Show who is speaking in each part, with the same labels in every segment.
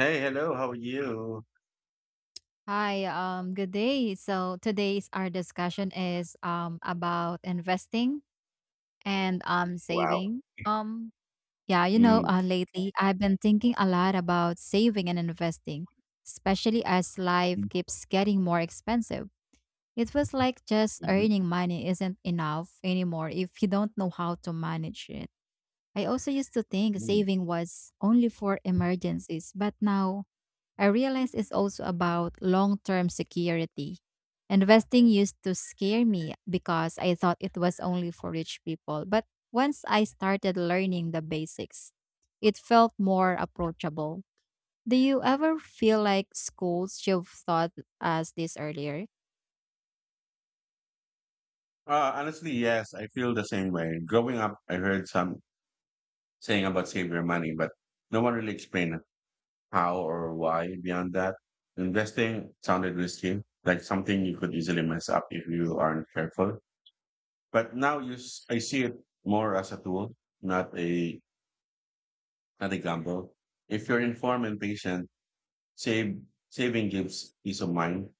Speaker 1: Hey, hello. How are you?
Speaker 2: Hi, good day. So today's our discussion is about investing and
Speaker 1: Wow.
Speaker 2: saving.
Speaker 1: Mm.
Speaker 2: Lately I've been thinking a lot about saving and investing, especially as life
Speaker 1: Mm.
Speaker 2: keeps getting more expensive. It feels like just
Speaker 1: Mhm.
Speaker 2: earning money isn't enough anymore if you don't know how to manage it. I also used to think
Speaker 1: Mm.
Speaker 2: saving was only for emergencies, but now I realize it's also about long term security. Investing used to scare me because I thought it was only for rich people. But once I started learning the basics, it felt more approachable. Do you ever feel like schools should have taught us this earlier?
Speaker 1: Honestly, yes, I feel the same way. Growing up, I heard some saying about save your money, but no one really explained how or why beyond that. Investing sounded risky, like something you could easily mess up if you aren't careful. But now I see it more as a tool, not a not a gamble. If you're informed and patient, save saving gives peace of mind.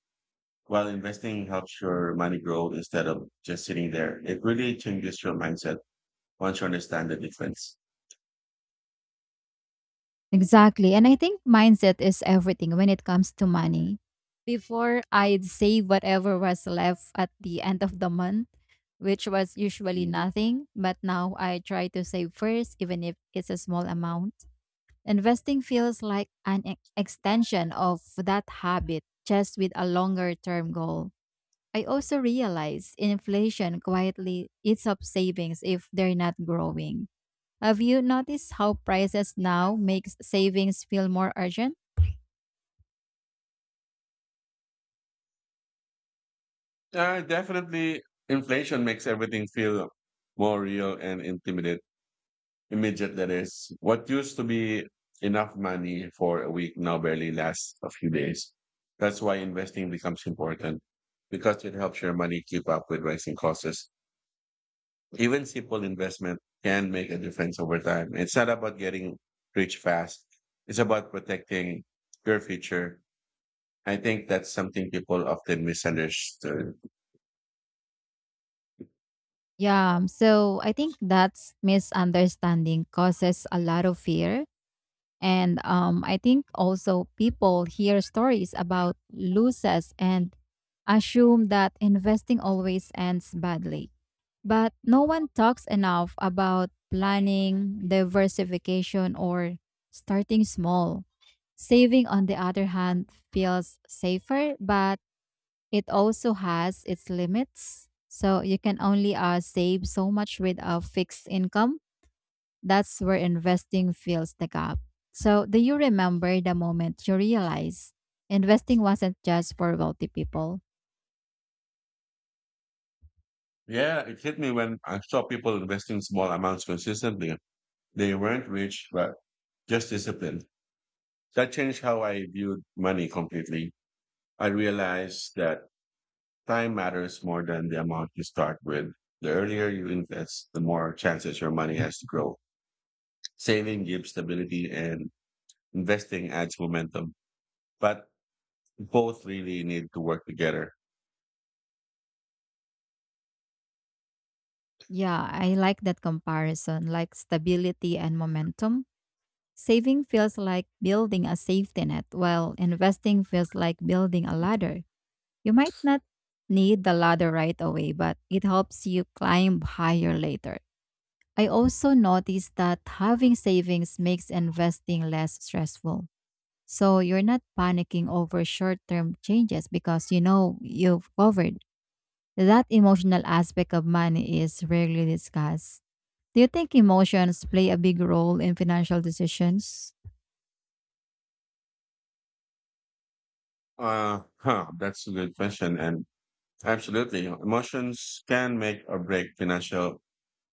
Speaker 1: While investing helps your money grow instead of just sitting there, it really changes your mindset once you understand the difference.
Speaker 2: Exactly. And I think mindset is everything when it comes to money. Before I'd save whatever was left at the end of the month, which was usually
Speaker 1: Mm.
Speaker 2: nothing, but now I try to save first, even if it's a small amount. Investing feels like an extension of that habit, just with a longer term goal. I also realize inflation quietly eats up savings if they're not growing. Have you noticed how prices now makes savings feel more urgent?
Speaker 1: Definitely, inflation makes everything feel more real and intimate. Immediate, that is. What used to be enough money for a week now barely lasts a few days. That's why investing becomes important because it helps your money keep up with rising costs. Even simple investment can make a difference over time. It's not about getting rich fast. It's about protecting your future. I think that's something people often misunderstood.
Speaker 2: Yeah, so I think that's misunderstanding causes a lot of fear. And I think also people hear stories about losses and assume that investing always ends badly. But no one talks enough about planning, diversification, or starting small. Saving, on the other hand, feels safer, but it also has its limits. So you can only save so much with a fixed income. That's where investing fills the gap. So do you remember the moment you realized investing wasn't just for wealthy people?
Speaker 1: Yeah, it hit me when I saw people investing small amounts consistently. They weren't rich, but just disciplined. That changed how I viewed money completely. I realized that time matters more than the amount you start with. The earlier you invest, the more chances your money has to grow. Saving gives stability and investing adds momentum, but both really need to work together.
Speaker 2: Yeah, I like that comparison, like stability and momentum. Saving feels like building a safety net, while investing feels like building a ladder. You might not need the ladder right away, but it helps you climb higher later. I also noticed that having savings makes investing less stressful. So you're not panicking over short term changes because you know you've covered. That emotional aspect of money is rarely discussed. Do you think emotions play a big role in financial decisions?
Speaker 1: Huh, that's a good question. And absolutely, emotions can make or break financial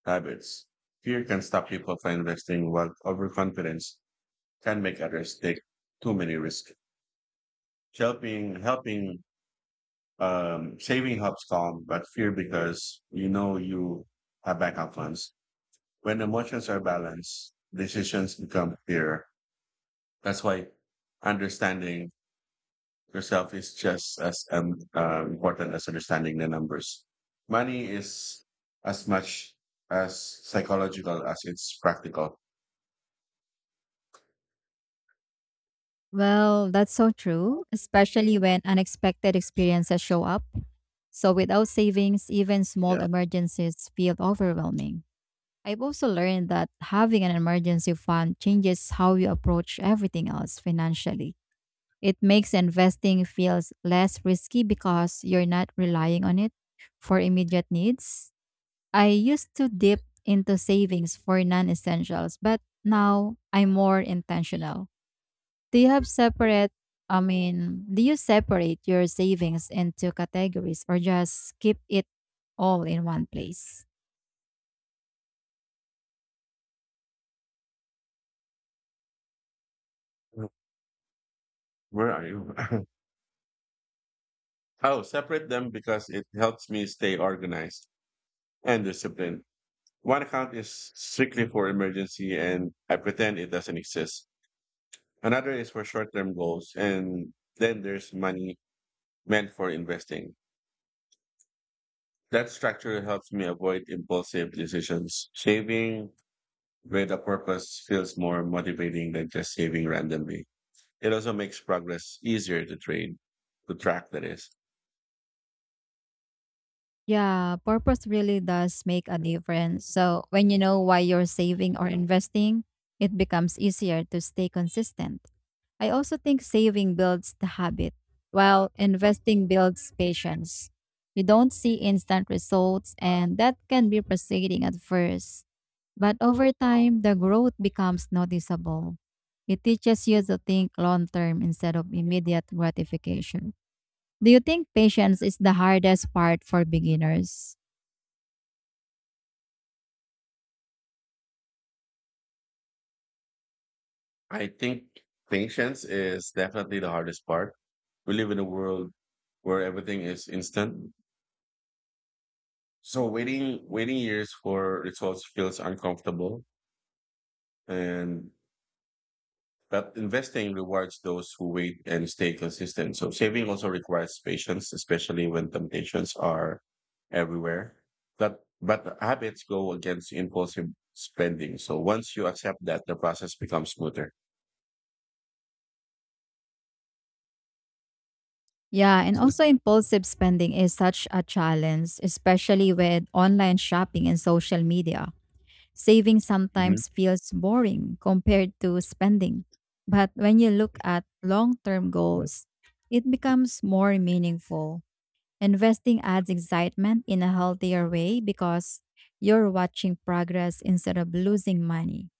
Speaker 1: habits. Fear can stop people from investing, while overconfidence can make others take too many risks. Helping, helping Saving helps calm but fear because you know you have backup plans. When emotions are balanced, decisions become clearer. That's why understanding yourself is just as important as understanding the numbers. Money is as much as psychological as it's practical.
Speaker 2: Well, that's so true, especially when unexpected experiences show up. So without savings, even small emergencies feel overwhelming. I've also learned that having an emergency fund changes how you approach everything else financially. It makes investing feels less risky because you're not relying on it for immediate needs. I used to dip into savings for non-essentials, but now I'm more intentional. Do you have separate do you separate your savings into categories or just keep it all in one place?
Speaker 1: Yeah. Where are you? Oh, separate them because it helps me stay organized and disciplined. One account is strictly for emergency and I pretend it doesn't exist. Another is for short term goals. And then there's money meant for investing. That structure helps me avoid impulsive decisions. Saving with a purpose feels more motivating than just saving randomly. It also makes progress easier to to track, that is.
Speaker 2: Yeah, purpose really does make a difference. So, when you know why you're saving or investing, it becomes easier to stay consistent. I also think saving builds the habit, while investing builds patience. You don't see instant results, and that can be frustrating at first. But over time, the growth becomes noticeable. It teaches you to think long term instead of immediate gratification. Do you think patience is the hardest part for beginners?
Speaker 1: I think patience is definitely the hardest part. We live in a world where everything is instant. So waiting years for results feels uncomfortable, and but investing rewards those who wait and stay consistent. So saving also requires patience, especially when temptations are everywhere. But habits go against impulsive spending. So once you accept that, the process becomes smoother.
Speaker 2: Yeah, and also impulsive spending is such a challenge, especially with online shopping and social media. Saving
Speaker 1: Hmm.
Speaker 2: sometimes feels boring compared to spending. But when you look at long term goals, it becomes more meaningful. Investing adds excitement in a healthier way because you're watching progress instead of losing money.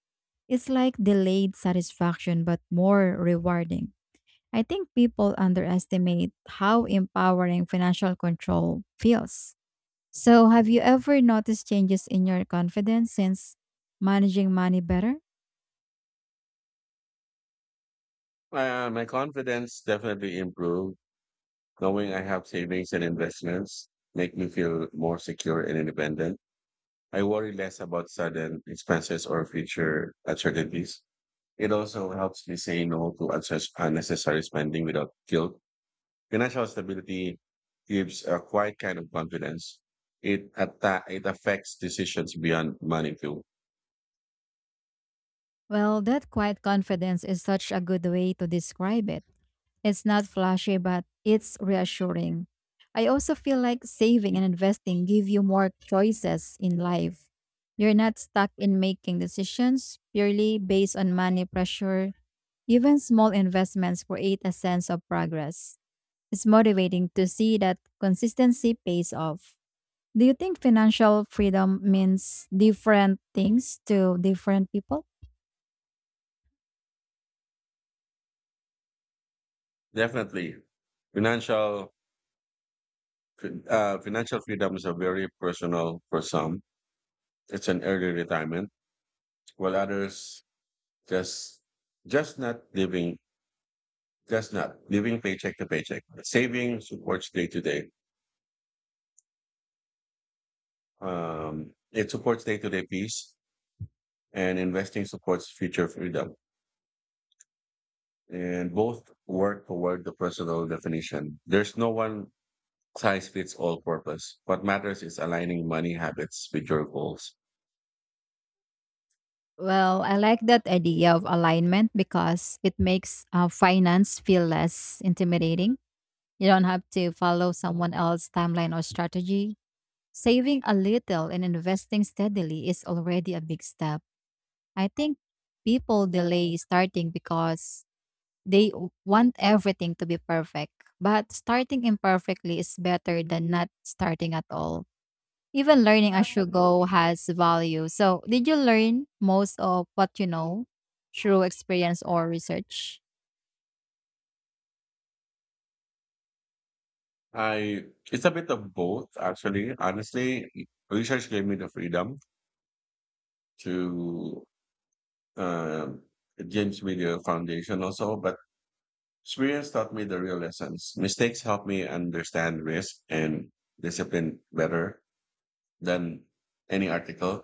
Speaker 2: It's like delayed satisfaction, but more rewarding. I think people underestimate how empowering financial control feels. So, have you ever noticed changes in your confidence since managing money better?
Speaker 1: My confidence definitely improved. Knowing I have savings and investments make me feel more secure and independent. I worry less about sudden expenses or future uncertainties. It also helps me say no to unnecessary spending without guilt. Financial stability gives a quiet kind of confidence. It affects decisions beyond money too.
Speaker 2: Well, that quiet confidence is such a good way to describe it. It's not flashy, but it's reassuring. I also feel like saving and investing give you more choices in life. You're not stuck in making decisions purely based on money pressure. Even small investments create a sense of progress. It's motivating to see that consistency pays off. Do you think financial freedom means different things to different people?
Speaker 1: Definitely, financial financial freedom is a very personal for some. It's an early retirement, while others just just not living that's not living paycheck to paycheck. Saving supports day to day. It supports day to day peace, and investing supports future freedom. And both work toward the personal definition. There's no one size fits all purpose. What matters is aligning money habits with your goals.
Speaker 2: Well, I like that idea of alignment because it makes finance feel less intimidating. You don't have to follow someone else's timeline or strategy. Saving a little and investing steadily is already a big step. I think people delay starting because they want everything to be perfect, but starting imperfectly is better than not starting at all. Even learning as you go has value. So, did you learn most of what you know through experience or research?
Speaker 1: I It's a bit of both actually. Honestly, research gave me the freedom to, um, it gives me the foundation also, but experience taught me the real lessons. Mistakes helped me understand risk and discipline better than any article.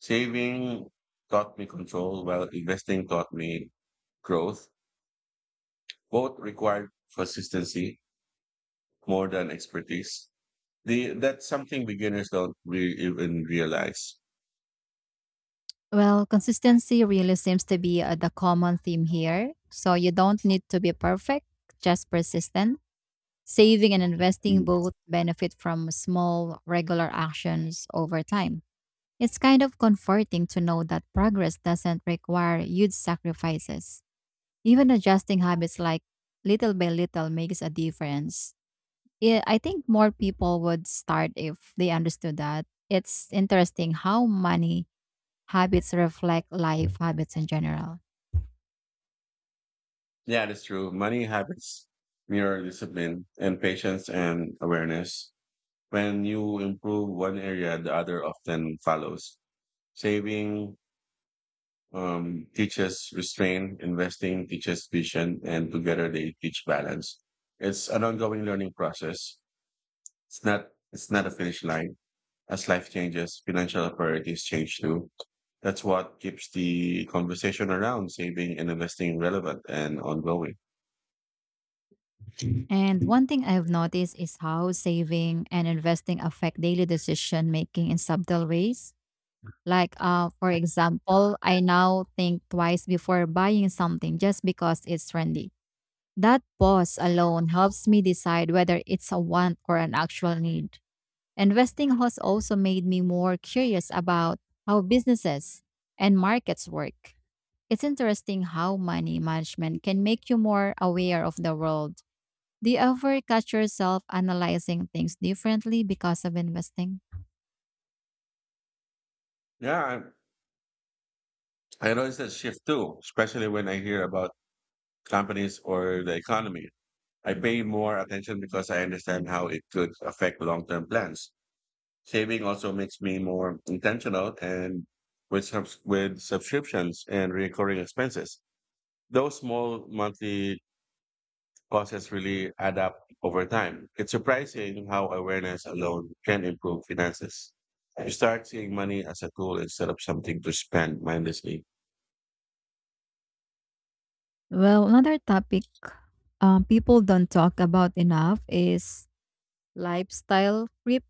Speaker 1: Saving taught me control, while investing taught me growth. Both required consistency more than expertise. That's something beginners don't even realize.
Speaker 2: Well, consistency really seems to be the common theme here. So, you don't need to be perfect, just persistent. Saving and investing
Speaker 1: Mm.
Speaker 2: both benefit from small, regular actions over time. It's kind of comforting to know that progress doesn't require huge sacrifices. Even adjusting habits like little by little makes a difference. Yeah, I think more people would start if they understood that. It's interesting how money habits reflect life habits in general.
Speaker 1: Yeah, that's true. Money habits mirror discipline and patience and awareness. When you improve one area, the other often follows. Saving teaches restraint, investing teaches vision, and together they teach balance. It's an ongoing learning process. It's not a finish line. As life changes, financial priorities change too. That's what keeps the conversation around saving and investing relevant and ongoing.
Speaker 2: And one thing I've noticed is how saving and investing affect daily decision making in subtle ways. Like, for example, I now think twice before buying something just because it's trendy. That pause alone helps me decide whether it's a want or an actual need. Investing has also made me more curious about how businesses and markets work. It's interesting how money management can make you more aware of the world. Do you ever catch yourself analyzing things differently because of investing?
Speaker 1: Yeah, I noticed that shift too, especially when I hear about companies or the economy. I pay more attention because I understand how it could affect long-term plans. Saving also makes me more intentional and with subscriptions and recurring expenses. Those small monthly costs really add up over time. It's surprising how awareness alone can improve finances. You start seeing money as a tool instead of something to spend mindlessly.
Speaker 2: Well, another topic people don't talk about enough is lifestyle creep.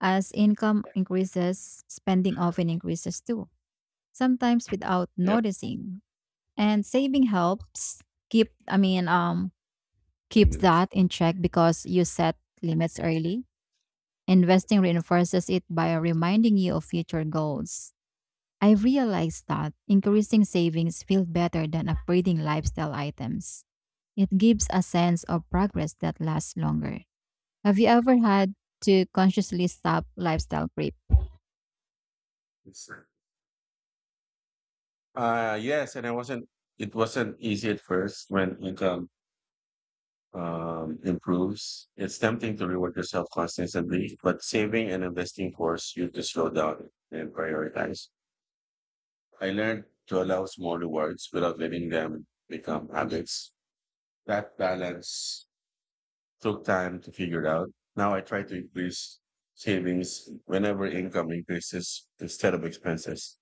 Speaker 2: As income increases, spending often increases too, sometimes without
Speaker 1: Yep,
Speaker 2: noticing. And saving helps keep, I mean, um,
Speaker 1: ten
Speaker 2: keeps
Speaker 1: minutes.
Speaker 2: that in check because you set limits early. Investing reinforces it by reminding you of future goals. I realized that increasing savings feels better than upgrading lifestyle items. It gives a sense of progress that lasts longer. Have you ever had to consciously stop lifestyle creep?
Speaker 1: It's- yes, and I wasn't. It wasn't easy at first. When income improves, it's tempting to reward yourself constantly, but saving and investing force you to slow down and prioritize. I learned to allow small rewards without letting them become habits. That balance took time to figure out. Now I try to increase savings whenever income increases instead of expenses.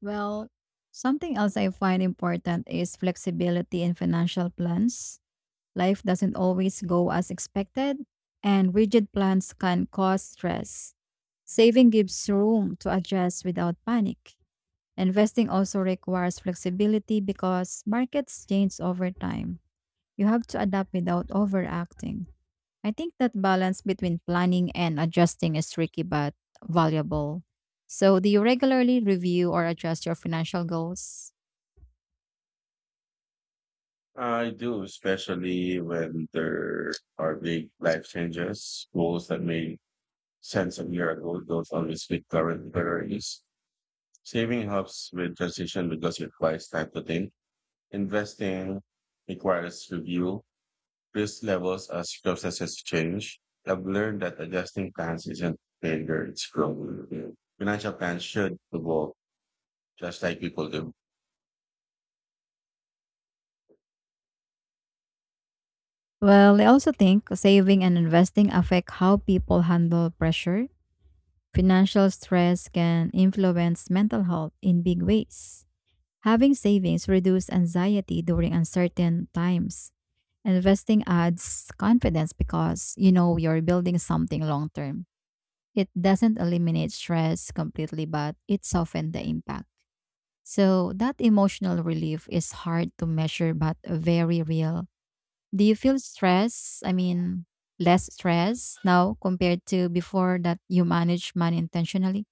Speaker 2: Well, something else I find important is flexibility in financial plans. Life doesn't always go as expected, and rigid plans can cause stress. Saving gives room to adjust without panic. Investing also requires flexibility because markets change over time. You have to adapt without overacting. I think that balance between planning and adjusting is tricky but valuable. So, do you regularly review or adjust your financial goals?
Speaker 1: I do, especially when there are big life changes, goals that may cents a year ago, those always with current priorities. Saving helps with transition because it requires time to think. Investing requires review, risk levels as processes change. I've learned that adjusting plans isn't failure, it's growth. Financial plans should evolve just like people do.
Speaker 2: Well, I also think saving and investing affect how people handle pressure. Financial stress can influence mental health in big ways. Having savings reduce anxiety during uncertain times. Investing adds confidence because you know you're building something long term. It doesn't eliminate stress completely, but it softens the impact. So that emotional relief is hard to measure but very real. Do you feel stress? I mean, less stress now compared to before that you manage money intentionally?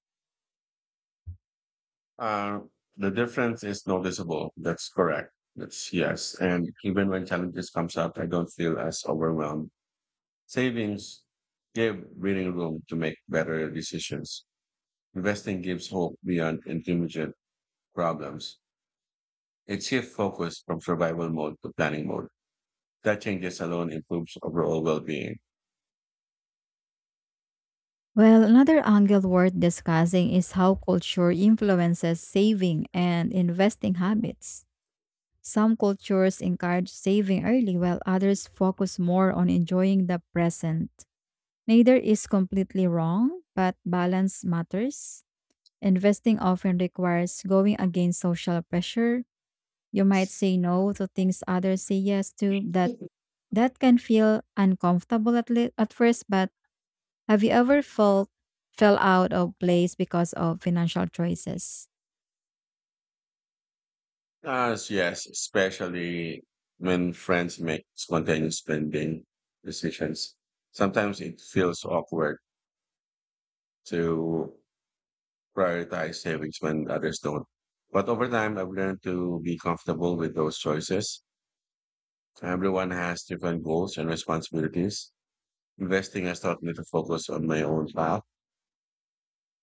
Speaker 1: Uh, the difference is noticeable. That's correct. That's yes. And even when challenges comes up, I don't feel as overwhelmed. Savings give breathing room to make better decisions. Investing gives hope beyond immediate problems. It shifts focus from survival mode to planning mode. That changes alone improves overall well-being.
Speaker 2: Well, another angle worth discussing is how culture influences saving and investing habits. Some cultures encourage saving early, while others focus more on enjoying the present. Neither is completely wrong, but balance matters. Investing often requires going against social pressure. You might say no to things others say yes to. That can feel uncomfortable at first, but have you ever felt fell out of place because of financial choices?
Speaker 1: Ah, yes, especially when friends make spontaneous spending decisions. Sometimes it feels awkward to prioritize savings when others don't. But over time, I've learned to be comfortable with those choices. Everyone has different goals and responsibilities. Investing has taught me to focus on my own path,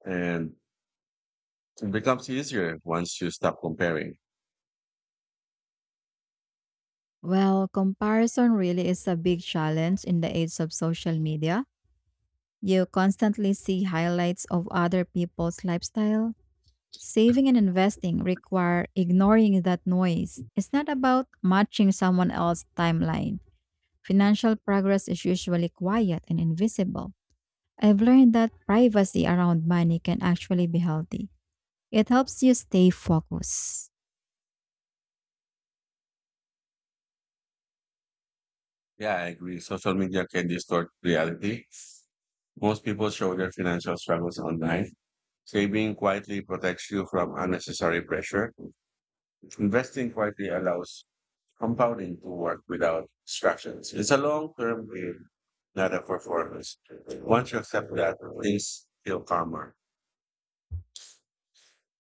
Speaker 1: and it becomes easier once you stop comparing.
Speaker 2: Well, comparison really is a big challenge in the age of social media. You constantly see highlights of other people's lifestyle. Saving and investing require ignoring that noise. It's not about matching someone else's timeline. Financial progress is usually quiet and invisible. I've learned that privacy around money can actually be healthy. It helps you stay focused.
Speaker 1: Yeah, I agree. Social media can distort reality. Most people show their financial struggles online. Saving quietly protects you from unnecessary pressure. Investing quietly allows compounding to work without distractions. It's a long term game, not a performance. Once you accept that, things feel calmer.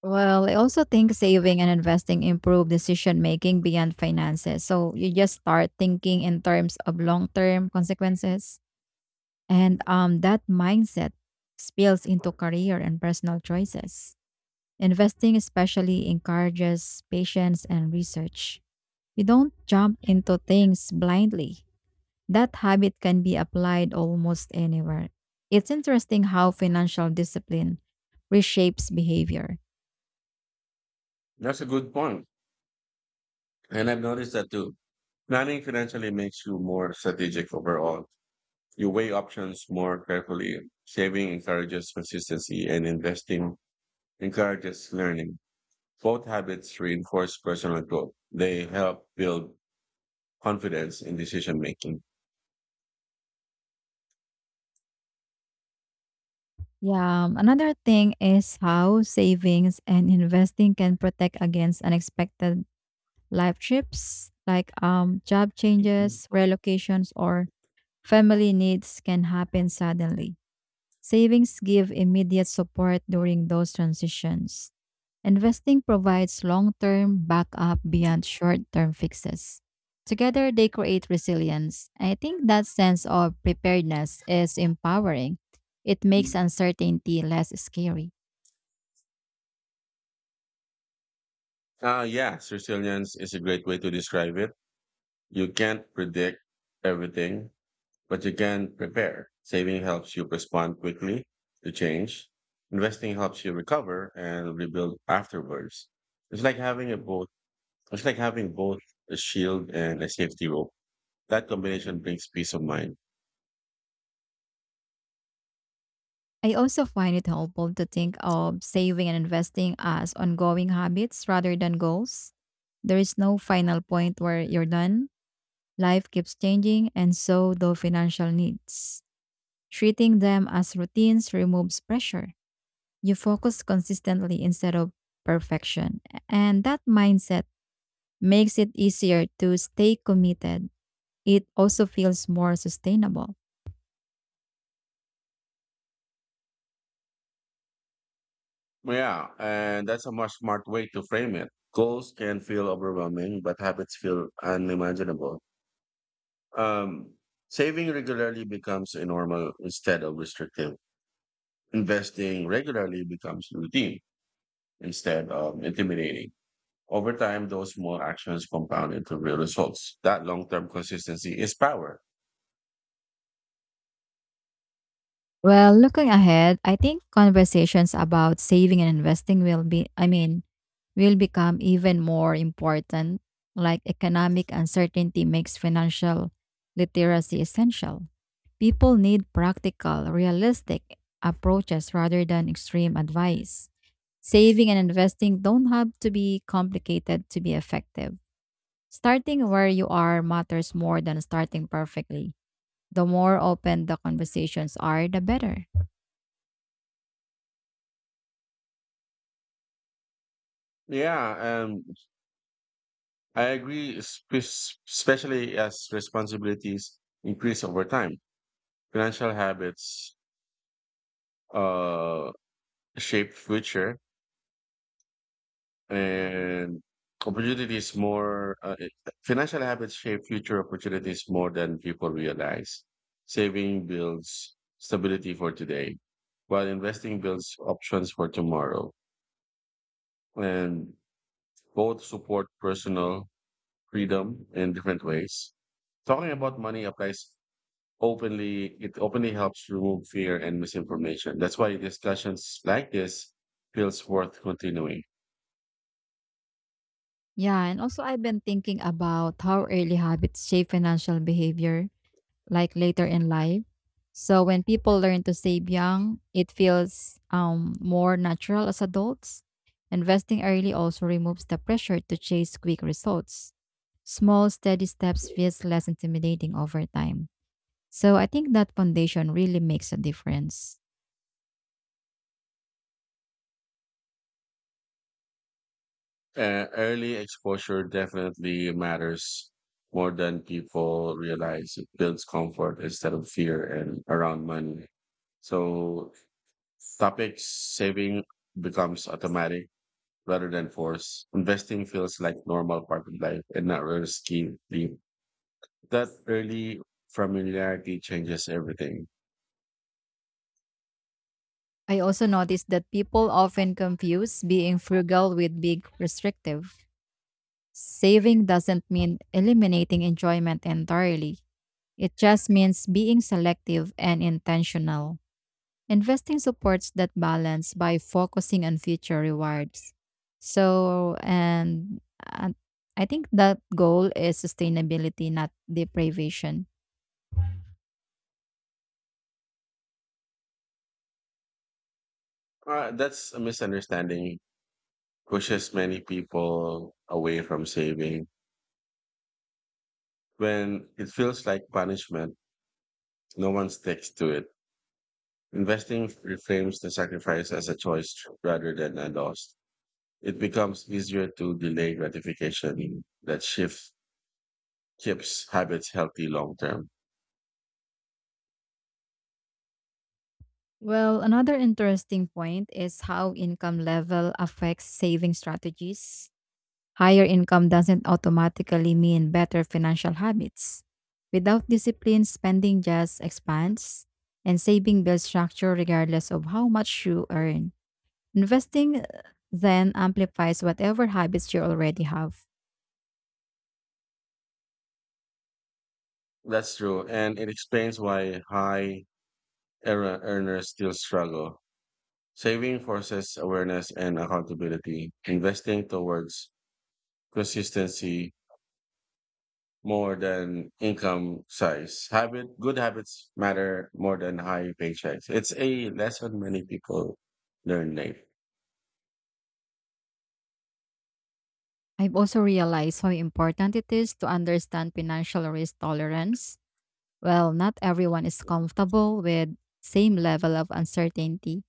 Speaker 2: Well, I also think saving and investing improve decision making beyond finances. So you just start thinking in terms of long term consequences. And that mindset spills into career and personal choices. Investing especially encourages patience and research. You don't jump into things blindly. That habit can be applied almost anywhere. It's interesting how financial discipline reshapes behavior.
Speaker 1: That's a good point. And I've noticed that too. Planning financially makes you more strategic overall. You weigh options more carefully. Saving encourages consistency and investing encourages learning. Both habits reinforce personal growth. They help build confidence in decision making.
Speaker 2: Yeah, another thing is how savings and investing can protect against unexpected life trips like job changes, relocations or family needs can happen suddenly. Savings give immediate support during those transitions. Investing provides long term backup beyond short term fixes. Together, they create resilience. I think that sense of preparedness is empowering. It makes uncertainty less scary.
Speaker 1: Yes, resilience is a great way to describe it. You can't predict everything, but you can prepare. Saving helps you respond quickly to change. Investing helps you recover and rebuild afterwards. It's like having a both. It's like having both a shield and a safety rope. That combination brings peace of mind.
Speaker 2: I also find it helpful to think of saving and investing as ongoing habits rather than goals. There is no final point where you're done. Life keeps changing, and so do financial needs. Treating them as routines removes pressure. You focus consistently instead of perfection. And that mindset makes it easier to stay committed. It also feels more sustainable.
Speaker 1: Yeah, and that's a much smart way to frame it. Goals can feel overwhelming, but habits feel unimaginable. Um, Saving regularly becomes a normal instead of restrictive. Investing regularly becomes routine instead of intimidating. Over time, those small actions compound into real results. That long-term consistency is power.
Speaker 2: Well, looking ahead, I think conversations about saving and investing will be, I mean, will become even more important. Like economic uncertainty makes financial literacy essential. People need practical, realistic approaches rather than extreme advice. Saving and investing don't have to be complicated to be effective. Starting where you are matters more than starting perfectly. The more open the conversations are, the better.
Speaker 1: Yeah, I agree, especially as responsibilities increase over time. Financial habits uh, shape future and opportunities Financial habits shape future opportunities more than people realize. Saving builds stability for today, while investing builds options for tomorrow, and both support personal freedom in different ways. Talking about money applies openly it openly helps remove fear and misinformation. That's why discussions like this feels worth continuing.
Speaker 2: Yeah, and also I've been thinking about how early habits shape financial behavior, like later in life. So when people learn to save young, it feels more natural as adults. Investing early also removes the pressure to chase quick results. Small, steady steps feels less intimidating over time. So I think that foundation really makes a difference.
Speaker 1: Early exposure definitely matters more than people realize. It builds comfort instead of fear and around money. So topic saving becomes automatic rather than forced. Investing feels like normal part of life and not risky. That early familiarity changes everything.
Speaker 2: I also noticed that people often confuse being frugal with being restrictive. Saving doesn't mean eliminating enjoyment entirely. It just means being selective and intentional. Investing supports that balance by focusing on future rewards. So, and I think that goal is sustainability, not deprivation.
Speaker 1: That's a misunderstanding pushes many people away from saving when it feels like punishment. No one sticks to it. Investing reframes the sacrifice as a choice rather than a loss. It becomes easier to delay gratification. That shift keeps habits healthy long term.
Speaker 2: Well, another interesting point is how income level affects saving strategies. Higher income doesn't automatically mean better financial habits. Without discipline, spending just expands, and saving builds structure regardless of how much you earn. Investing then amplifies whatever habits you already have.
Speaker 1: That's true. And it explains why high era earners still struggle. Saving forces awareness and accountability, investing towards consistency more than income size. Good habits matter more than high paychecks. It's a lesson many people learn late.
Speaker 2: I've also realized how important it is to understand financial risk tolerance. Well, not everyone is comfortable with same level of uncertainty.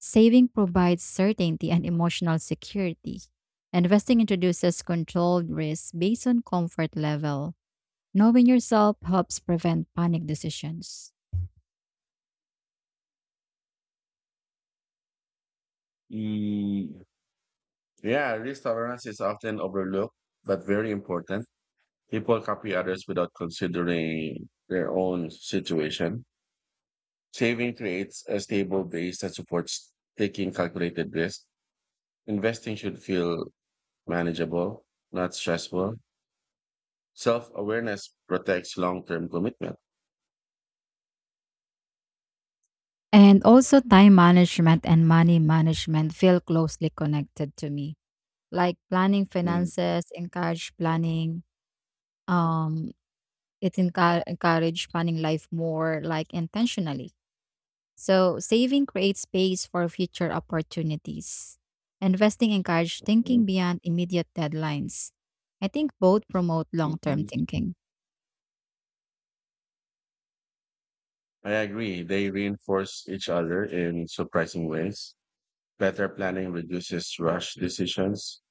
Speaker 2: Saving provides certainty and emotional security. Investing introduces controlled risk based on comfort level. Knowing yourself helps prevent panic decisions.
Speaker 1: Mm, yeah, risk tolerance is often overlooked, but very important. People copy others without considering their own situation. Saving creates a stable base that supports taking calculated risks. Investing should feel manageable, not stressful. Self awareness protects long term commitment.
Speaker 2: And also, time management and money management feel closely connected to me. Like planning
Speaker 1: Mhm.
Speaker 2: finances, encourage planning. Um, encourage planning life more like intentionally. So, saving creates space for future opportunities. Investing encourages thinking beyond immediate deadlines. I think both promote long term
Speaker 1: Mhm.
Speaker 2: thinking.
Speaker 1: I agree. They reinforce each other in surprising ways. Better planning reduces rush decisions.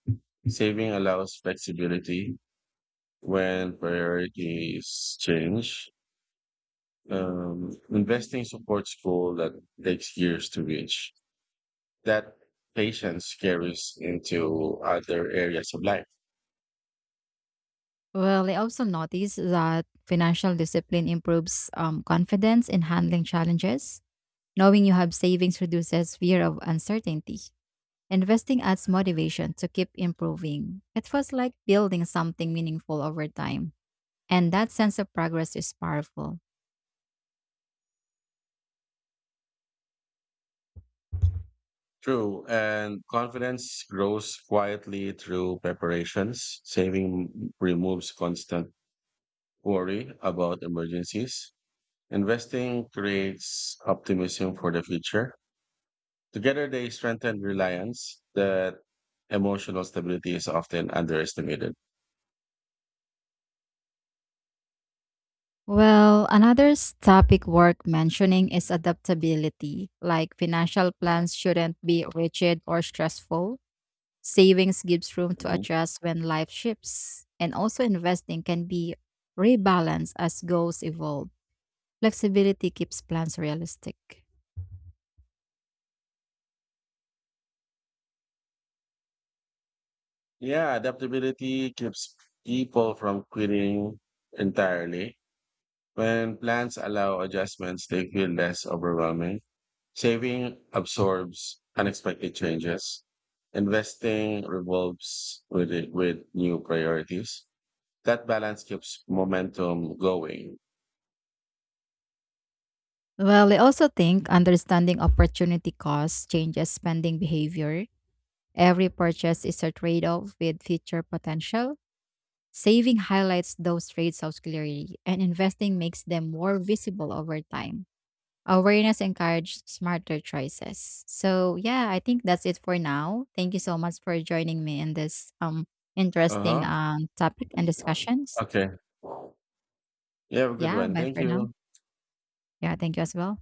Speaker 1: Saving allows flexibility when priorities change. Investing supports goal that takes years to reach. That patience carries into other areas of life.
Speaker 2: Well, I also noticed that financial discipline improves confidence in handling challenges. Knowing you have savings reduces fear of uncertainty. Investing adds motivation to keep improving. It was like building something meaningful over time. And that sense of progress is powerful.
Speaker 1: True, and confidence grows quietly through preparations. Saving removes constant worry about emergencies. Investing creates optimism for the future. Together, they strengthen reliance that emotional stability is often underestimated.
Speaker 2: Well, another topic worth mentioning is adaptability. Like financial plans shouldn't be rigid or stressful. Savings gives room to adjust when life shifts. And also, investing can be rebalanced as goals evolve. Flexibility keeps plans realistic.
Speaker 1: Yeah, adaptability keeps people from quitting entirely. When plans allow adjustments, they feel less overwhelming. Saving absorbs unexpected changes. Investing revolves with it, with new priorities. That balance keeps momentum going.
Speaker 2: Well, I also think understanding opportunity costs changes spending behavior. Every purchase is a trade off with future potential. Saving highlights those trade offs clearly, and investing makes them more visible over time. Awareness encourages smarter choices. So, yeah, I think that's it for now. Thank you so much for joining me in this
Speaker 1: Uh
Speaker 2: interesting
Speaker 1: huh.
Speaker 2: topic and discussions.
Speaker 1: Okay. You have a good
Speaker 2: Yeah,
Speaker 1: one.
Speaker 2: bye
Speaker 1: Thank
Speaker 2: for now.
Speaker 1: you.
Speaker 2: Yeah, thank you as well.